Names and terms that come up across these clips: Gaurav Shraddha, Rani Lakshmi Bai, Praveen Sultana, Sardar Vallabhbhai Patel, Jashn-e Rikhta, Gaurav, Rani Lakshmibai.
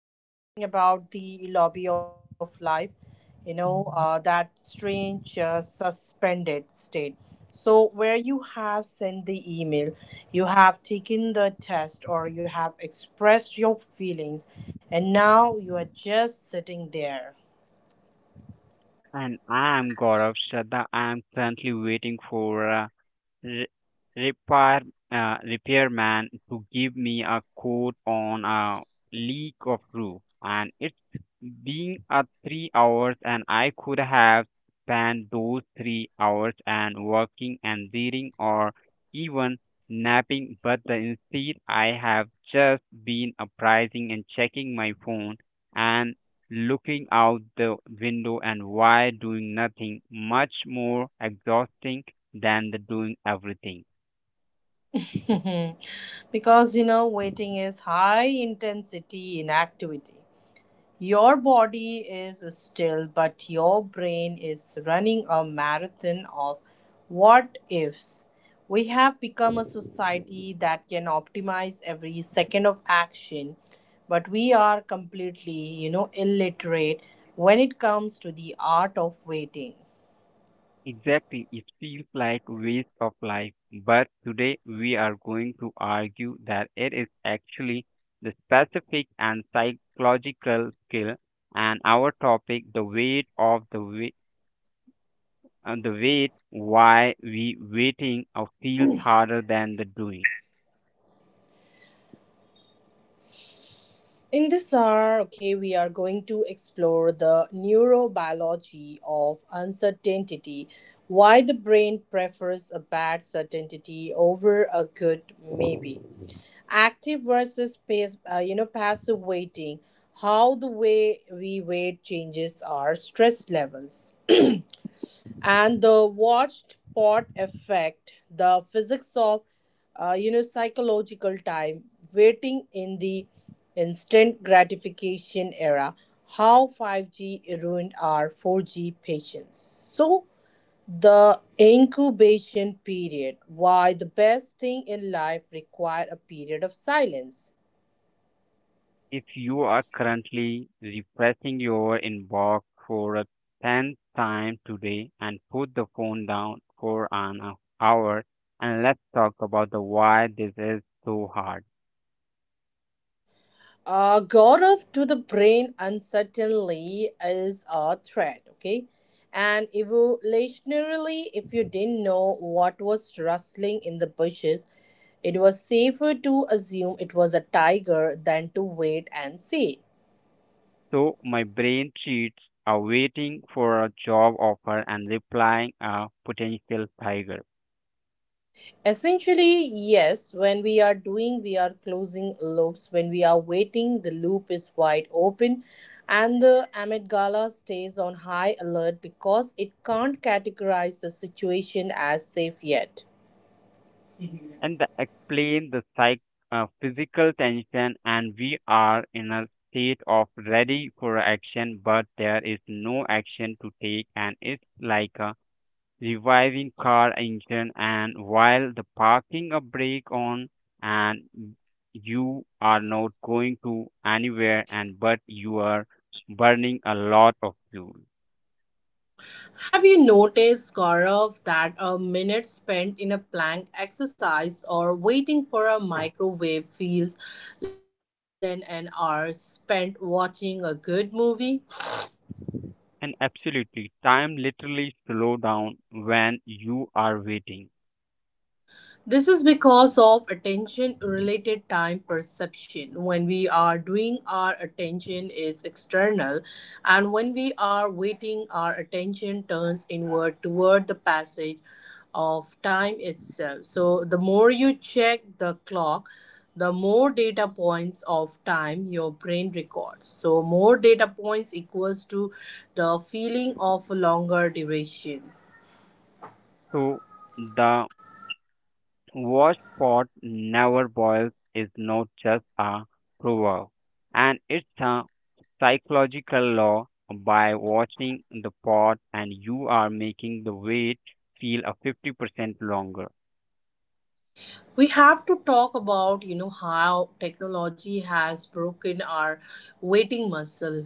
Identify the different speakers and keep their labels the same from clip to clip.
Speaker 1: and today we are talking about the lobby of life, that strange suspended state. So, where you have sent the email, you have taken the test, or you have expressed your feelings, and now you are just sitting there.
Speaker 2: And I'm Gaurav Shraddha. I'm currently waiting for a re- repair repairman to give me a quote on a leak of roof, and it's been a 3 hours, and I could have spent those 3 hours and working and reading or even napping, but the instead I have just been apprising and checking my phone and looking out the window and why doing nothing much more exhausting than the doing everything.
Speaker 1: Because waiting is high intensity inactivity. Your body is still, but your brain is running a marathon of what ifs. We have become a society that can optimize every second of action, but we are completely, illiterate when it comes to the art of waiting.
Speaker 2: Exactly, it feels like waste of life, but today we are going to argue that it is actually the specific and psychological skill and our topic the weight of the weight why we waiting feels harder than the doing.
Speaker 1: In this hour, okay, we are going to explore the neurobiology of uncertainty, why the brain prefers a bad certainty over a good maybe, passive waiting, how the way we wait changes our stress levels and the watched pot effect, the physics of psychological time, waiting in the instant gratification era, how 5G ruined our 4G patience. So the incubation period, why the best thing in life require a period of silence.
Speaker 2: If you are currently refreshing your inbox for a 10th time today and put the phone down for an hour and let's talk about the why this is so hard.
Speaker 1: God of to the brain uncertainly is a threat, okay? And evolutionarily, if you didn't know what was rustling in the bushes, it was safer to assume it was a tiger than to wait and see.
Speaker 2: So my brain cheats are waiting for a job offer and replying a potential tiger.
Speaker 1: Essentially, yes, when we are doing, we are closing loops. When we are waiting, the loop is wide open and the amygdala stays on high alert because it can't categorize the situation as safe yet.
Speaker 2: And the explain the physical tension, and we are in a state of ready for action, but there is no action to take, and it's like a reviving car engine, and while the parking a brake on, and you are not going to anywhere, and but you are burning a lot of fuel.
Speaker 1: Have you noticed, Gaurav, that a minute spent in a plank exercise or waiting for a microwave feels longer than an hour spent watching a good movie?
Speaker 2: And absolutely, time literally slow down when you are waiting.
Speaker 1: This is because of attention related time perception. When we are doing, our attention is external, and when we are waiting, our attention turns inward toward the passage of time itself. So, the more you check the clock, the more data points of time your brain records. So, more data points equals to the feeling of a longer duration.
Speaker 2: So the Washed pot never boils is not just a proverb, and it's a psychological law. By watching the pot, and you are making the wait feel a 50% longer.
Speaker 1: We have to talk about how technology has broken our waiting muscle.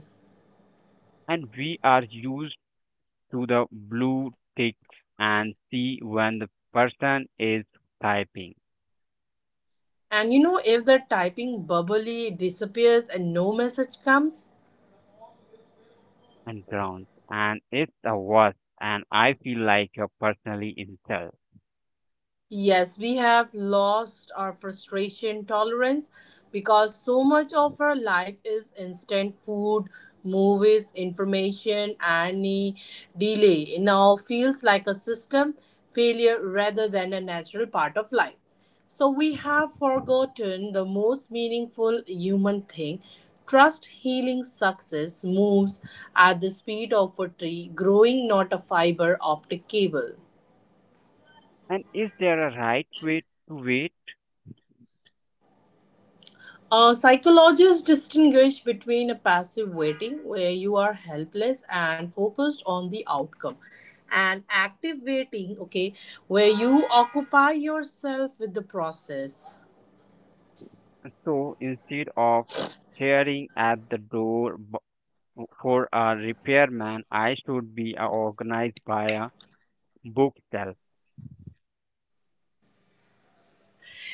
Speaker 2: And we are used to the blue ticks and see when the person is typing
Speaker 1: And if the typing bubbly disappears and no message comes.
Speaker 2: and grounds, and it's a worst. And I feel like a personally insult.
Speaker 1: Yes, we have lost our frustration tolerance because so much of our life is instant food, movies, information, any delay. It now feels like a system failure rather than a natural part of life. So we have forgotten the most meaningful human thing. Trust healing success moves at the speed of a tree growing, not a fiber optic cable.
Speaker 2: And is there a right way to wait?
Speaker 1: Psychologists distinguish between a passive waiting, where you are helpless and focused on the outcome, and active waiting, okay, where you occupy yourself with the process.
Speaker 2: So instead of staring at the door for a repairman, I should be organized by a bookshelf.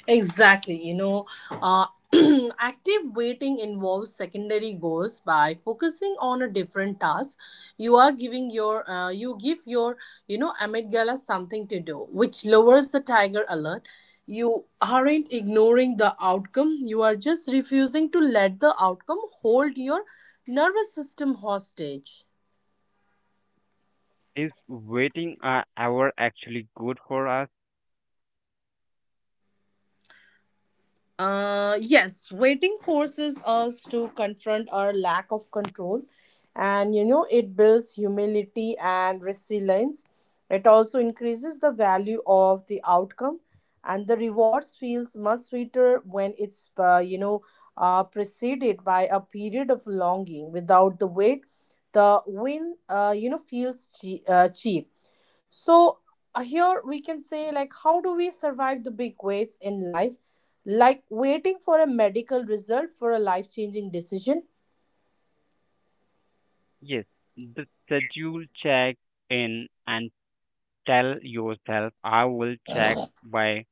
Speaker 1: Exactly, active waiting involves secondary goals by focusing on a different task. You give your amygdala something to do, which lowers the tiger alert. You aren't ignoring the outcome, you are just refusing to let the outcome hold your nervous system hostage.
Speaker 2: Is waiting an hour actually good for us?
Speaker 1: Yes, waiting forces us to confront our lack of control, and, it builds humility and resilience. It also increases the value of the outcome, and the rewards feels much sweeter when it's preceded by a period of longing. Without the wait, the win feels cheap. So here we can say like how do we survive the big waits in life? Like waiting for a medical result for a life-changing decision.
Speaker 2: Yes. The schedule check in and tell yourself I will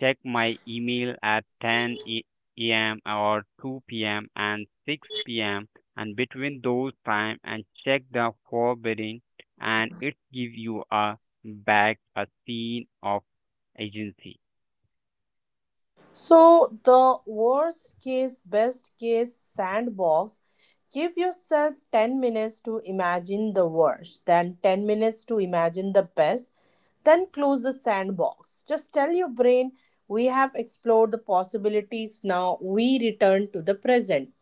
Speaker 2: check my email at 10 a.m. or 2 p.m. and 6 p.m. and between those time and check the forwarding and it gives you a back a scene of agency.
Speaker 1: So the worst case, best case sandbox, give yourself 10 minutes to imagine the worst, then 10 minutes to imagine the best, then close the sandbox. Just tell your brain we have explored the possibilities now we return to the present.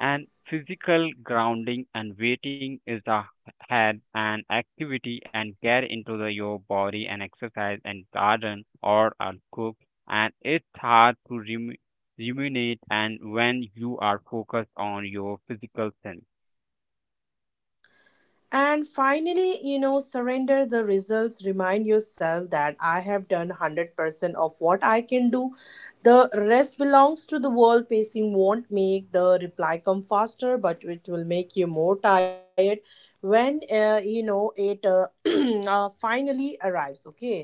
Speaker 2: And physical grounding and weighting is the head and activity and get into the your body and exercise and garden or a cook and it's hard to ruminate and when you are focused on your physical sense.
Speaker 1: And finally, surrender the results. Remind yourself that I have done 100% of what I can do. The rest belongs to the world. Pacing won't make the reply come faster, but it will make you more tired when it finally arrives. Okay.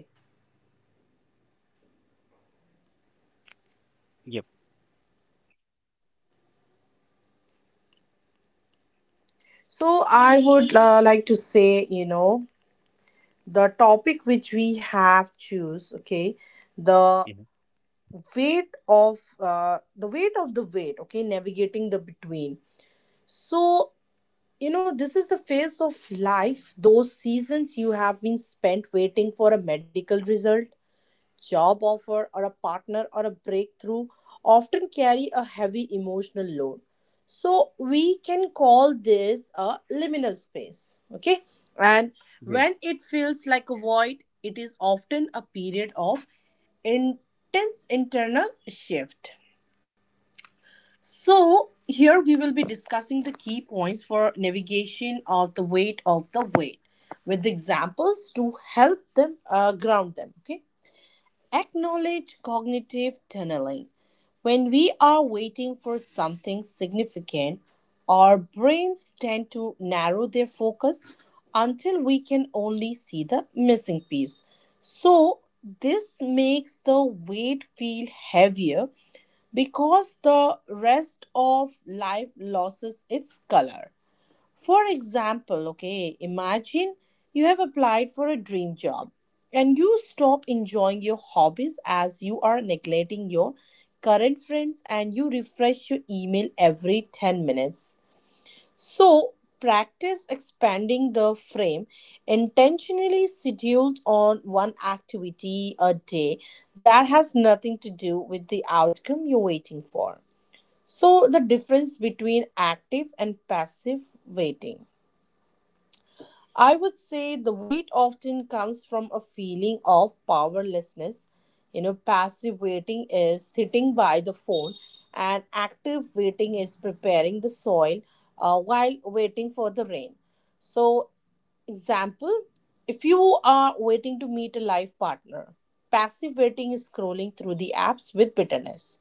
Speaker 2: Yep.
Speaker 1: So I would like to say, the topic which we have choose, okay, the
Speaker 2: Yeah,
Speaker 1: weight of the weight of the weight, okay, navigating the between. So this is the phase of life, those seasons you have been spent waiting for a medical result, job offer, or a partner, or a breakthrough, often carry a heavy emotional load. So we can call this a liminal space, okay, and
Speaker 2: yes.
Speaker 1: when it feels like a void, it is often a period of intense internal shift. So, here we will be discussing the key points for navigation of the weight with examples to help them ground them. Okay, acknowledge cognitive tunneling. When we are waiting for something significant, our brains tend to narrow their focus until we can only see the missing piece. So, this makes the weight feel heavier because the rest of life loses its color. For example, okay, imagine you have applied for a dream job and you stop enjoying your hobbies as you are neglecting your current friends and you refresh your email every 10 minutes. So, practice expanding the frame intentionally scheduled on one activity a day that has nothing to do with the outcome you're waiting for. So, the difference between active and passive waiting. I would say the wait often comes from a feeling of powerlessness. Passive waiting is sitting by the phone, and active waiting is preparing the soil while waiting for the rain. So, example, if you are waiting to meet a life partner, passive waiting is scrolling through the apps with bitterness,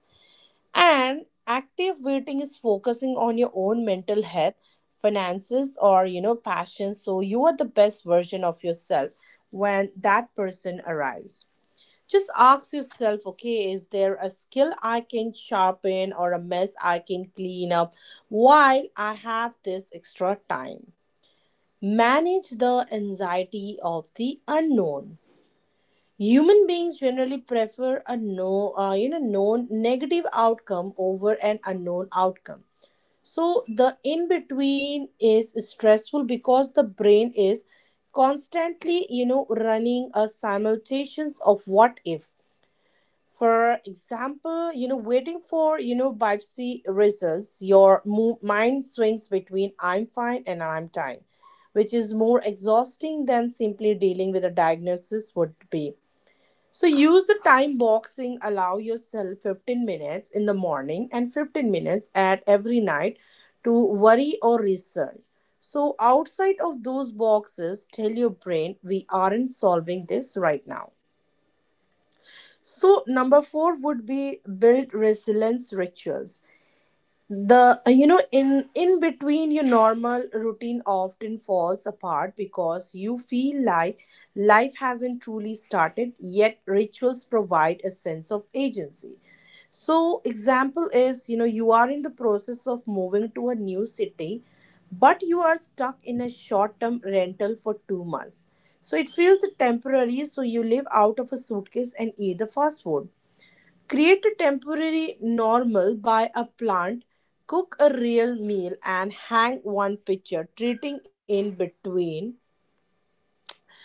Speaker 1: and active waiting is focusing on your own mental health, finances, or, passion. So you are the best version of yourself when that person arrives. Just ask yourself, okay, is there a skill I can sharpen or a mess I can clean up while I have this extra time? Manage the anxiety of the unknown. Human beings generally prefer a no, you know, known negative outcome over an unknown outcome. So the in between is stressful because the brain is constantly, running a simultaneous of what if. For example, waiting for biopsy results, your mind swings between I'm fine and I'm dying, which is more exhausting than simply dealing with a diagnosis would be. So use the time boxing, allow yourself 15 minutes in the morning and 15 minutes at every night to worry or research. So outside of those boxes, tell your brain we aren't solving this right now. So number 4 would be build resilience rituals. The in between your normal routine often falls apart because you feel like life hasn't truly started yet. Rituals provide a sense of agency. So example is, you are in the process of moving to a new city but you are stuck in a short term rental for 2 months, so it feels temporary, so you live out of a suitcase and eat the fast food. Create a temporary normal, buy a plant, cook a real meal, and hang one picture, treating in between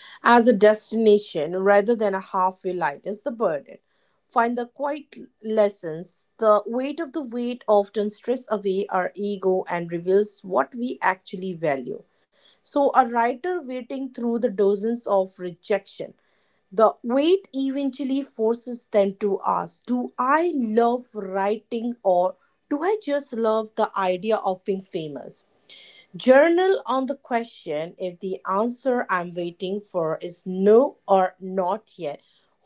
Speaker 1: as a destination rather than a halfway light is the burden. Find the quiet lessons. The weight of the weight often strips away our ego and reveals what we actually value. So, a writer waiting through the dozens of rejection, the weight eventually forces them to ask, do I love writing or do I just love the idea of being famous? Journal on the question, if the answer I'm waiting for is no or not yet,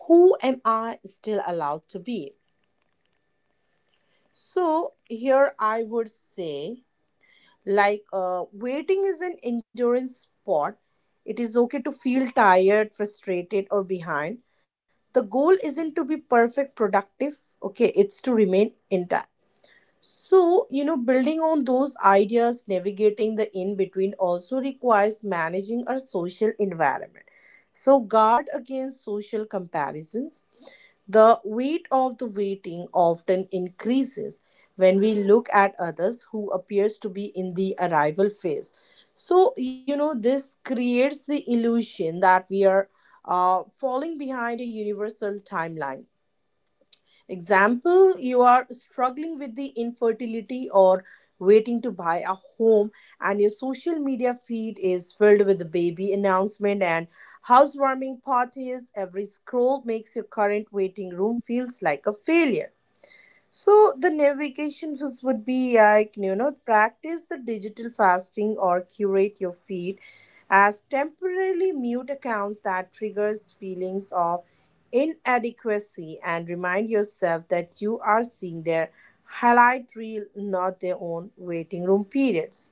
Speaker 1: who am I still allowed to be? So here I would say like waiting is an endurance sport. It is okay to feel tired, frustrated, or behind. The goal isn't to be perfect, productive. Okay, it's to remain intact. So, building on those ideas, navigating the in between also requires managing our social environment. So, guard against social comparisons. The weight of the waiting often increases when we look at others who appears to be in the arrival phase. So this creates the illusion that we are falling behind a universal timeline. Example, you are struggling with the infertility or waiting to buy a home and your social media feed is filled with the baby announcement and housewarming parties. Every scroll makes your current waiting room feels like a failure. So the navigation was would be like, practice the digital fasting or curate your feed as temporarily mute accounts that triggers feelings of inadequacy, and remind yourself that you are seeing their highlight reel, not their own waiting room periods.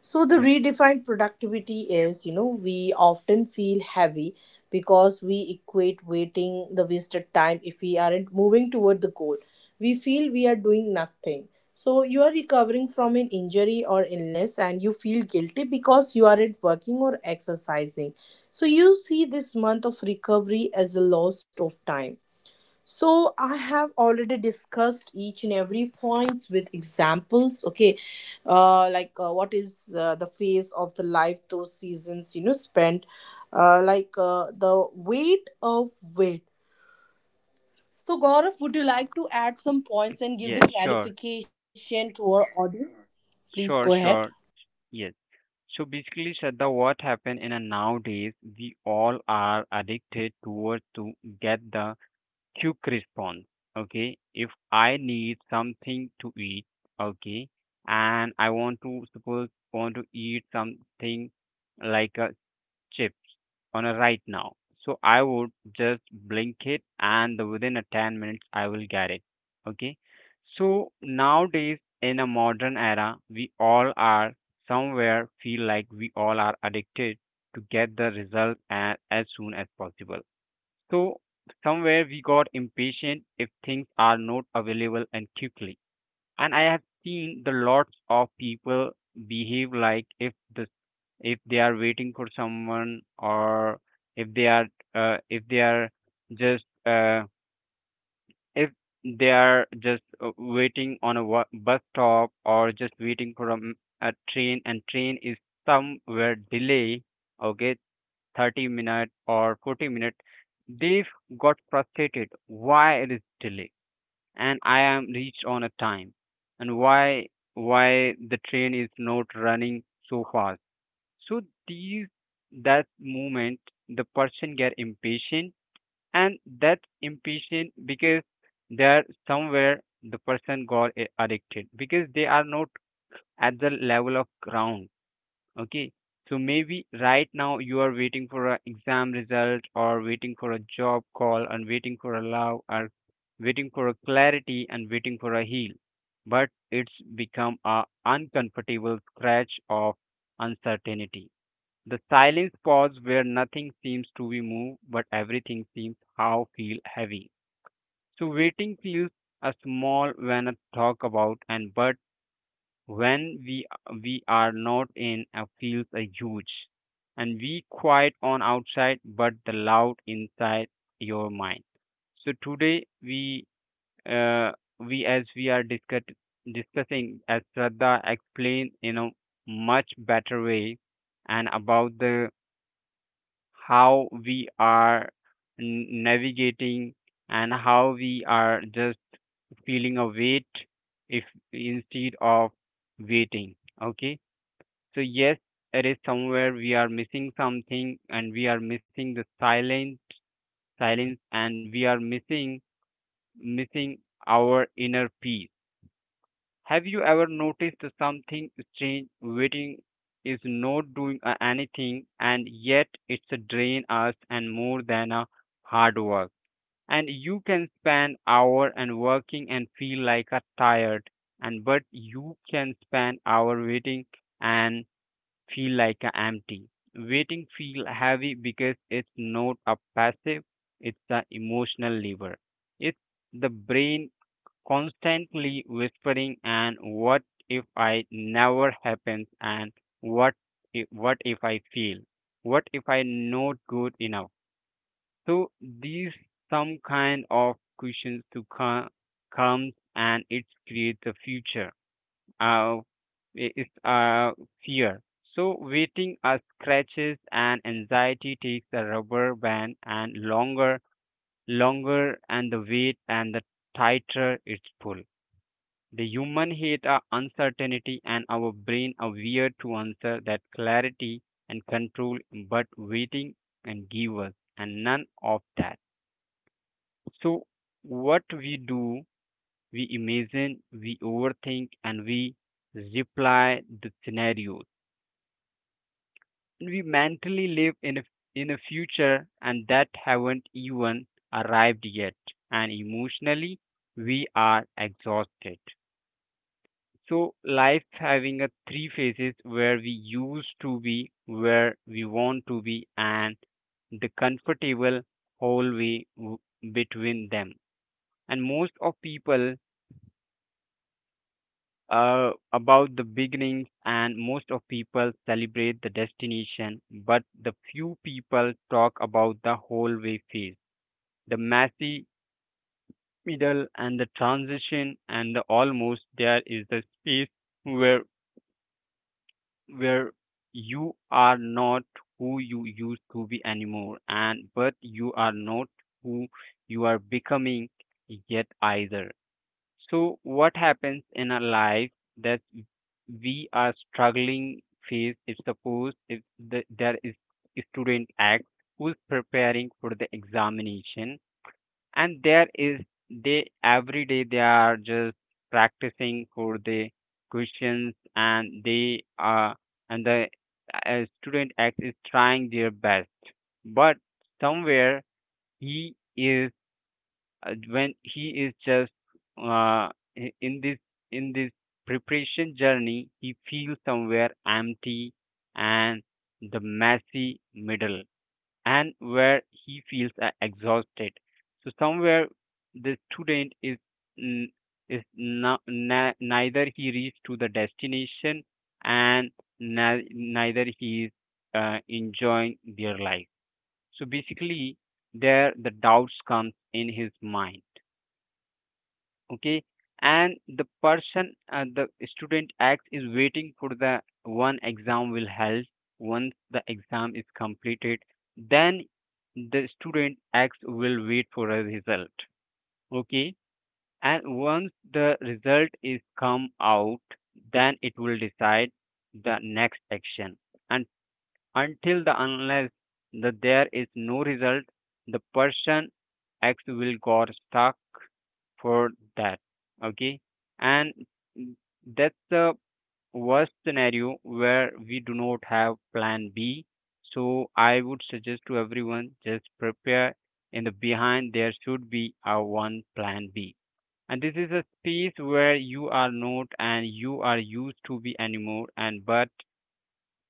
Speaker 1: So the
Speaker 2: Yep.
Speaker 1: redefined productivity is, we often feel heavy because we equate waiting the wasted time. If we aren't moving toward the goal, we feel we are doing nothing. So you are recovering from an injury or illness and you feel guilty because you aren't working or exercising. So you see this month of recovery as a loss of time. So I have already discussed each and every points with examples. Okay, what is the phase of the life, those seasons spent, the weight of weight. So Gaurav, would you like to add some points and give the
Speaker 2: Yes. Sure,
Speaker 1: clarification to our audience? Please
Speaker 2: sure,
Speaker 1: go
Speaker 2: sure.
Speaker 1: ahead.
Speaker 2: Yes. So basically, Shraddha, what happened in a nowadays we all are addicted towards to get the quick response. Okay, if I need something to eat, okay, and I want to suppose want to eat something like a chips on a right now, so I would just blink it and within a 10 minutes I will get it, okay. So nowadays, in a modern era, we all are somewhere feel like we all are addicted to get the result as soon as possible. So somewhere we got impatient if things are not available and quickly. And I have seen the lots of people behave like if the if they are waiting for someone or if they are uh, if they are just uh, if they are just waiting on a bus stop or just waiting for a train and train is somewhere delay. Okay, 30 minute or 40-minute they've got frustrated why it is delay and I am reached on a time and why the train is not running so fast. So these that moment the person get impatient and that impatient because they're somewhere the person got addicted because they are not at the level of ground, okay. So maybe right now you are waiting for an exam result or waiting for a job call and waiting for a love or waiting for a clarity and waiting for a heal, but it's become a uncomfortable scratch of uncertainty, the silence pause where nothing seems to be moved but everything seems how feel heavy. So waiting feels a small when I talk about and but when we are not in feels a huge and we quiet on outside but the loud inside your mind. So today uh, we as we are discussing as Shraddha explained in a much better way and about the how we are navigating and how we are just feeling a weight if instead of waiting, okay. So yes, it is somewhere we are missing something and we are missing the silent silence and we are missing our inner peace. Have you ever noticed something strange? Waiting is not doing anything, and yet it's a drain us and more than a hard work. And you can spend hour and working and feel like a tired, and but you can spend hour waiting and feel like a empty. Waiting feel heavy because it's not a passive; it's an emotional labor. It's the brain constantly whispering and what if I never happens and what what if I fail? What if I not good enough? So these some kind of questions to comes and it creates a future. Uh, it's a fear. So waiting scratches and anxiety takes the rubber band and longer, longer and the wait, and the tighter it's pull. The human hate our uncertainty and our brain are weird to answer that clarity and control, but waiting and give us, and none of that. So, what we do, we imagine, we overthink, and we reply the scenarios. And we mentally live in a future and that haven't even arrived yet. And emotionally, we are exhausted. So life having a three phases where we used to be, where we want to be, and the comfortable hallway between them. And most of people about the beginnings, and most of people celebrate the destination, but the few people talk about the hallway phase, the messy middle, and the transition, and the almost there is the space where where you are not who you used to be anymore and but you are not who you are becoming yet either. So what happens in our life that we are struggling phase if suppose if there is a student x who is preparing for the examination and there is they every day they are just practicing for the questions and they are and the student x is trying their best but somewhere he is when he is just uh, in this preparation journey he feels somewhere empty and the messy middle and where he feels exhausted. So somewhere the student is n- neither he reached to the destination and neither he is enjoying their life. So basically, there the doubts comes in his mind, okay, and the student X is waiting for the one exam will held. Once the exam is completed, then the student X will wait for a result, okay, and once the result is come out, then it will decide the next action and until the unless the there is no result the person x will got stuck for that, okay. And that's the worst scenario where we do not have plan b. So I would suggest to everyone just prepare in the behind there should be a one plan b. And this is a space where you are not and you are used to be anymore and but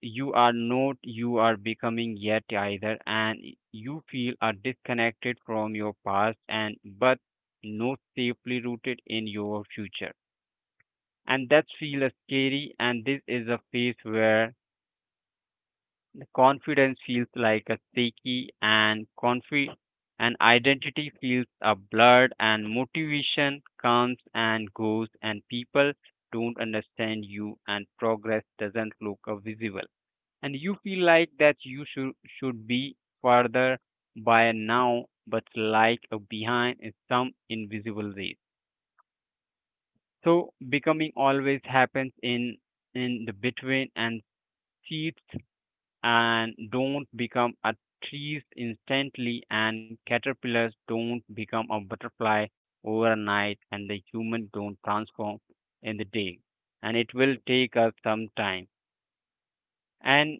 Speaker 2: you are not you are becoming yet either and you feel are disconnected from your past and but not safely rooted in your future and that feels scary. And this is a phase where the confidence feels like a shaky and confi and identity feels a blurred and motivation comes and goes and people don't understand you and progress doesn't look visible and you feel like that you should be further by now but like behind in some invisible race. So becoming always happens in the between and seeds and don't become a trees instantly and caterpillars don't become a butterfly overnight and the human don't transform in the day and it will take us some time and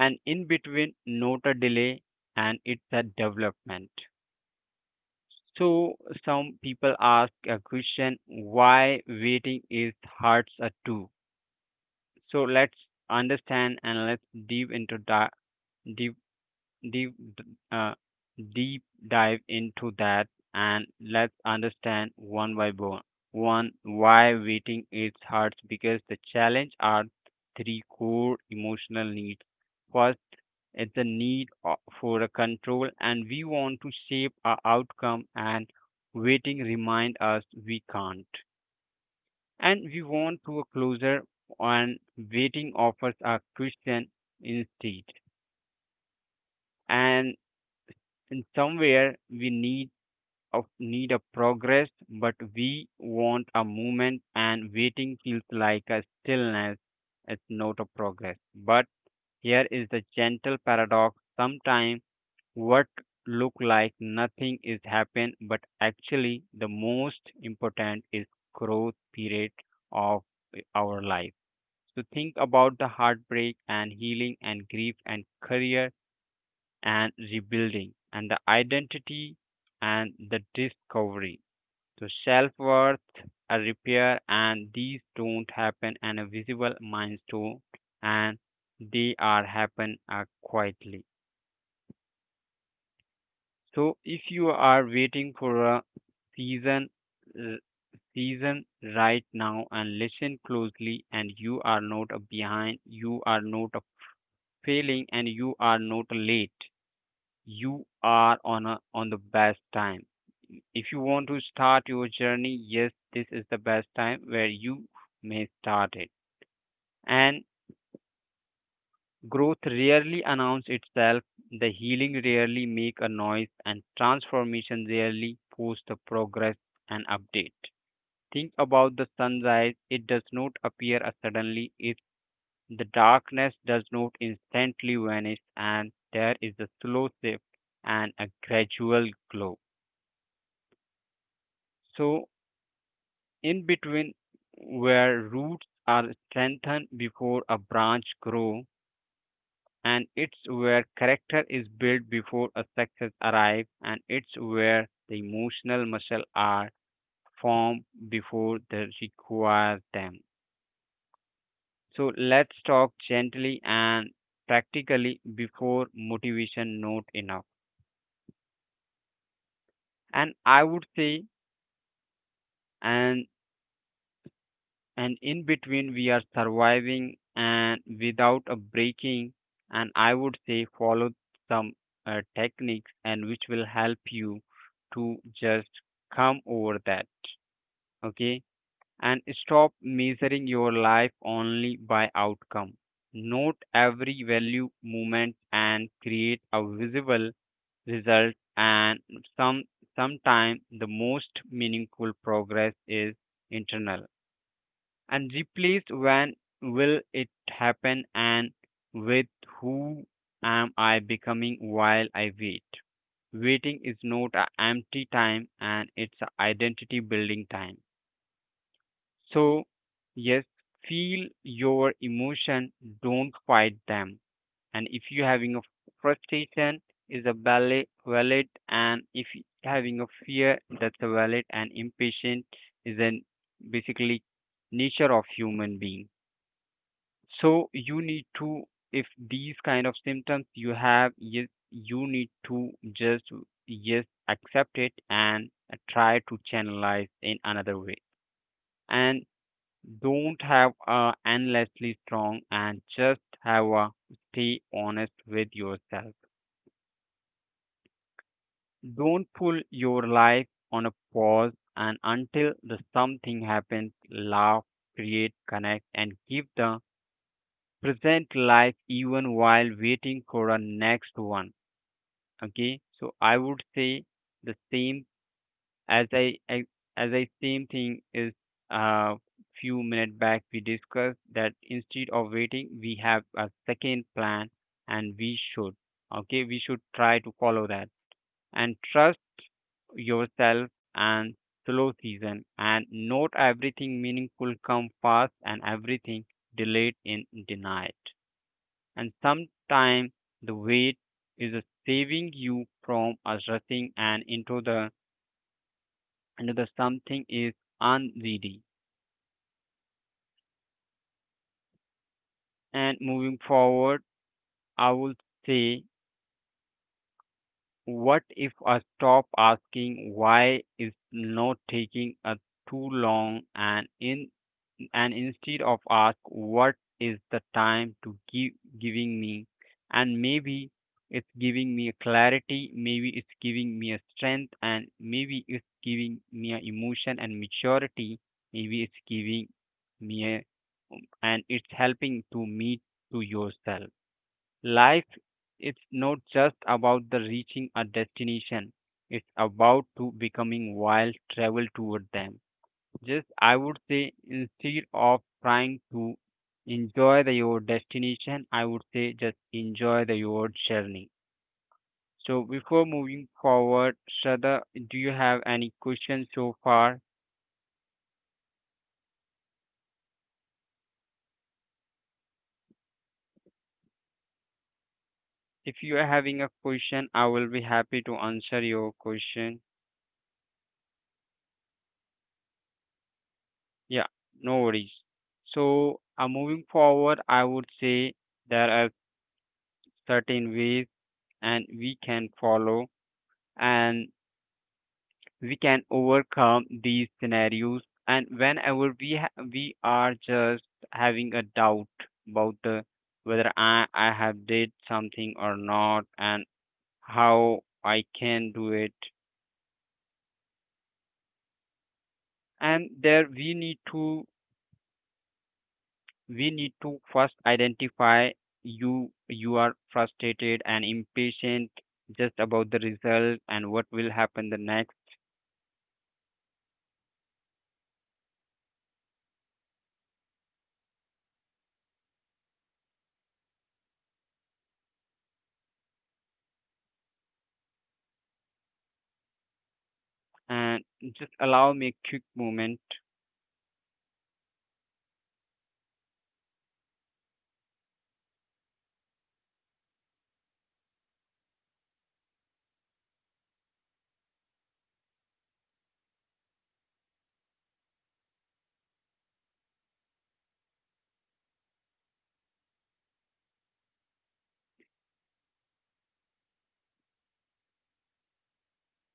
Speaker 2: in between not a delay and it's a development. So some people ask a question why waiting is hurts a too. So let's understand and let's deep into that deep deep uh, deep dive into that and let's understand one by one one why waiting is hard because the challenge are three core emotional needs. First, it's the need for a control and we want to shape our outcome and waiting remind us we can't and we want to a closer and waiting offers a question instead. And in somewhere we need a progress but we want a movement and waiting feels like a stillness it's not a progress but here is the gentle paradox sometimes what look like nothing is happen but actually the most important is growth period of our life. So think about the heartbreak and healing and grief and career and rebuilding and the identity and the discovery, so self-worth a repair, and these don't happen in a visible milestone. And they are happen quietly. So if you are waiting for a season, r- season right now, and listen closely, and you are not a behind, you are not a failing, and you are not late. You are on a on the best time. If you want to start your journey, yes, this is the best time where you may start it. And growth rarely announces itself, the healing rarely make a noise, and transformation rarely posts a progress and update. Think about the sunrise, it does not appear suddenly, it the darkness does not instantly vanish, and there is a slow shift and a gradual glow. So in between where roots are strengthened before a branch grow, and it's where character is built before a success arrives, and it's where the emotional muscle are formed before they require them. So let's talk gently and practically before motivation not enough. And I would say, and and in between we are surviving and without a breaking. And I would say follow some techniques and which will help you to just come over that. Okay, and stop measuring your life only by outcome. Note every value movement and create a visible result. And some sometime the most meaningful progress is internal, and replaced when will it happen, and with who am I becoming while I wait. Waiting is not an empty time, and it's an identity building time. So, yes, feel your emotion, don't fight them. And if you're having a frustration, is a valid, valid, and if you having a fear, that's a valid, and impatient is an basically nature of human being. So you need to, if these kind of symptoms you have, yes you need to just yes accept it, and try to channelize in another way. And don't have a endlessly strong, and just have a stay honest with yourself. Don't pull your life on a pause and until the something happens, laugh, create, connect, and give the present life even while waiting for a next one. Okay, so I would say the same, as i I- as I, same thing is, uh few minutes back we discussed that instead of waiting we have a second plan and we should, okay, we should try to follow that. And trust yourself and slow season, and not everything meaningful come fast, and everything delayed in denied. And sometimes the wait is saving you from a rushing and into the something is unready. And moving forward, I would say, what if I stop asking why is not taking a too long, and in, and instead of ask what is the time to give, giving me, and maybe it's giving me a clarity, maybe it's giving me a strength, and maybe it's giving me a emotion and maturity, maybe it's giving me a, and it's helping to meet to yourself. Life, it's not just about the reaching a destination, it's about to becoming wild travel toward them. Just I would say instead of trying to enjoy the your destination, I would say just enjoy the your journey. So before moving forward, Shraddha, do you have any questions so far? If you are having a question, I will be happy to answer your question. Yeah, no worries. So moving forward, I would say there are certain ways and we can follow and we can overcome these scenarios. And whenever we we are just having a doubt about the whether I have did something or not, and how I can do it. And there we need to first identify you are frustrated and impatient just about the result and what will happen the next. And just allow me a quick moment.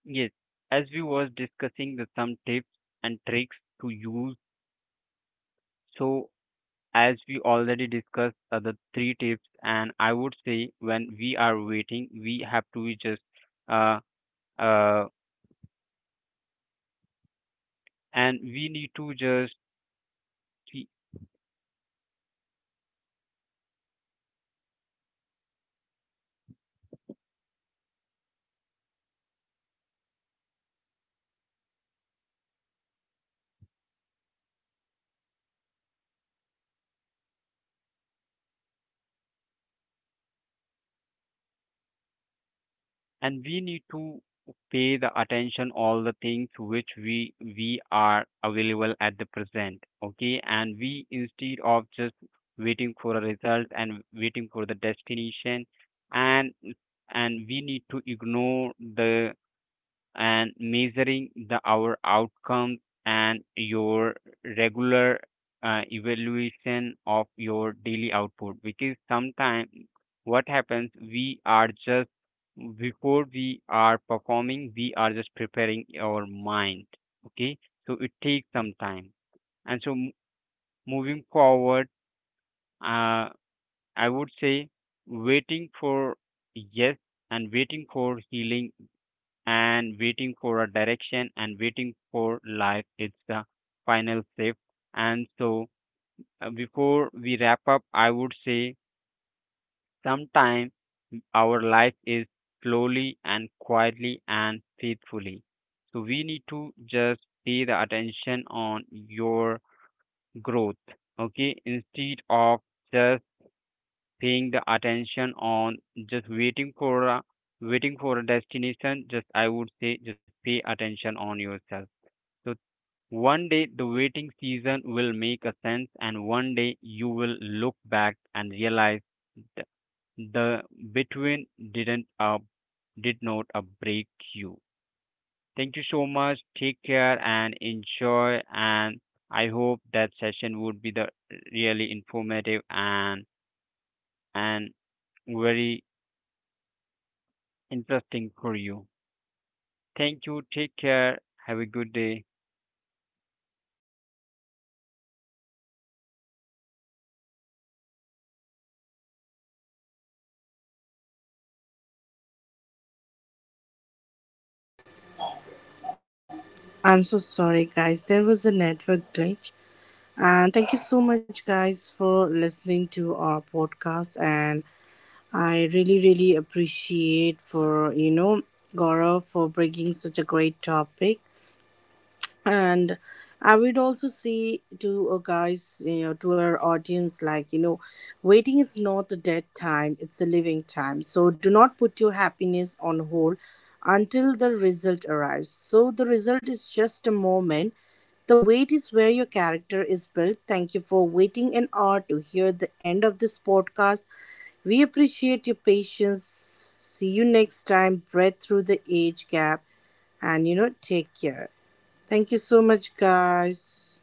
Speaker 2: Yes, as we was discussing the some tips and tricks to use. So as we already discussed the three tips, and I would say when we are waiting, we have to just uh uh and we need to just and we need to pay the attention all the things which we are available at the present, okay, and we instead of just waiting for a result and waiting for the destination. and and we need to ignore the and measuring the our outcomes, and your regular evaluation of your daily output, because sometimes what happens, we are just before we are performing we are just preparing our mind, okay, so it takes some time. And so moving forward, uh, I would say waiting for, yes, and waiting for healing and waiting for a direction and waiting for life, it's the final step. And so before we wrap up, I would say sometime our life is slowly and quietly and faithfully. So we need to just pay the attention on your growth, okay, instead of just paying the attention on just waiting for a destination. Just I would say just pay attention on yourself. So one day the waiting season will make a sense, and one day you will look back and realize th- the between didn't uh, did not break you. Thank you so much. Take care and enjoy. And I hope that session would be the really informative and very interesting for you. Thank you. Take care. Have a good day.
Speaker 3: I'm so sorry, guys. There was a network glitch. And thank you so much, guys, for listening to our podcast. And I really, really appreciate Gaurav for bringing such a great topic, and I would also say to guys, to our audience, like, waiting is not a dead time, it's a living time. So do not put your happiness on hold until the result arrives. So the result is just a moment, the wait is where your character is built. Thank you for waiting an hour to hear the end of this podcast. We appreciate your patience. See you next time. Breath through the age gap. And take care. Thank you so much, guys.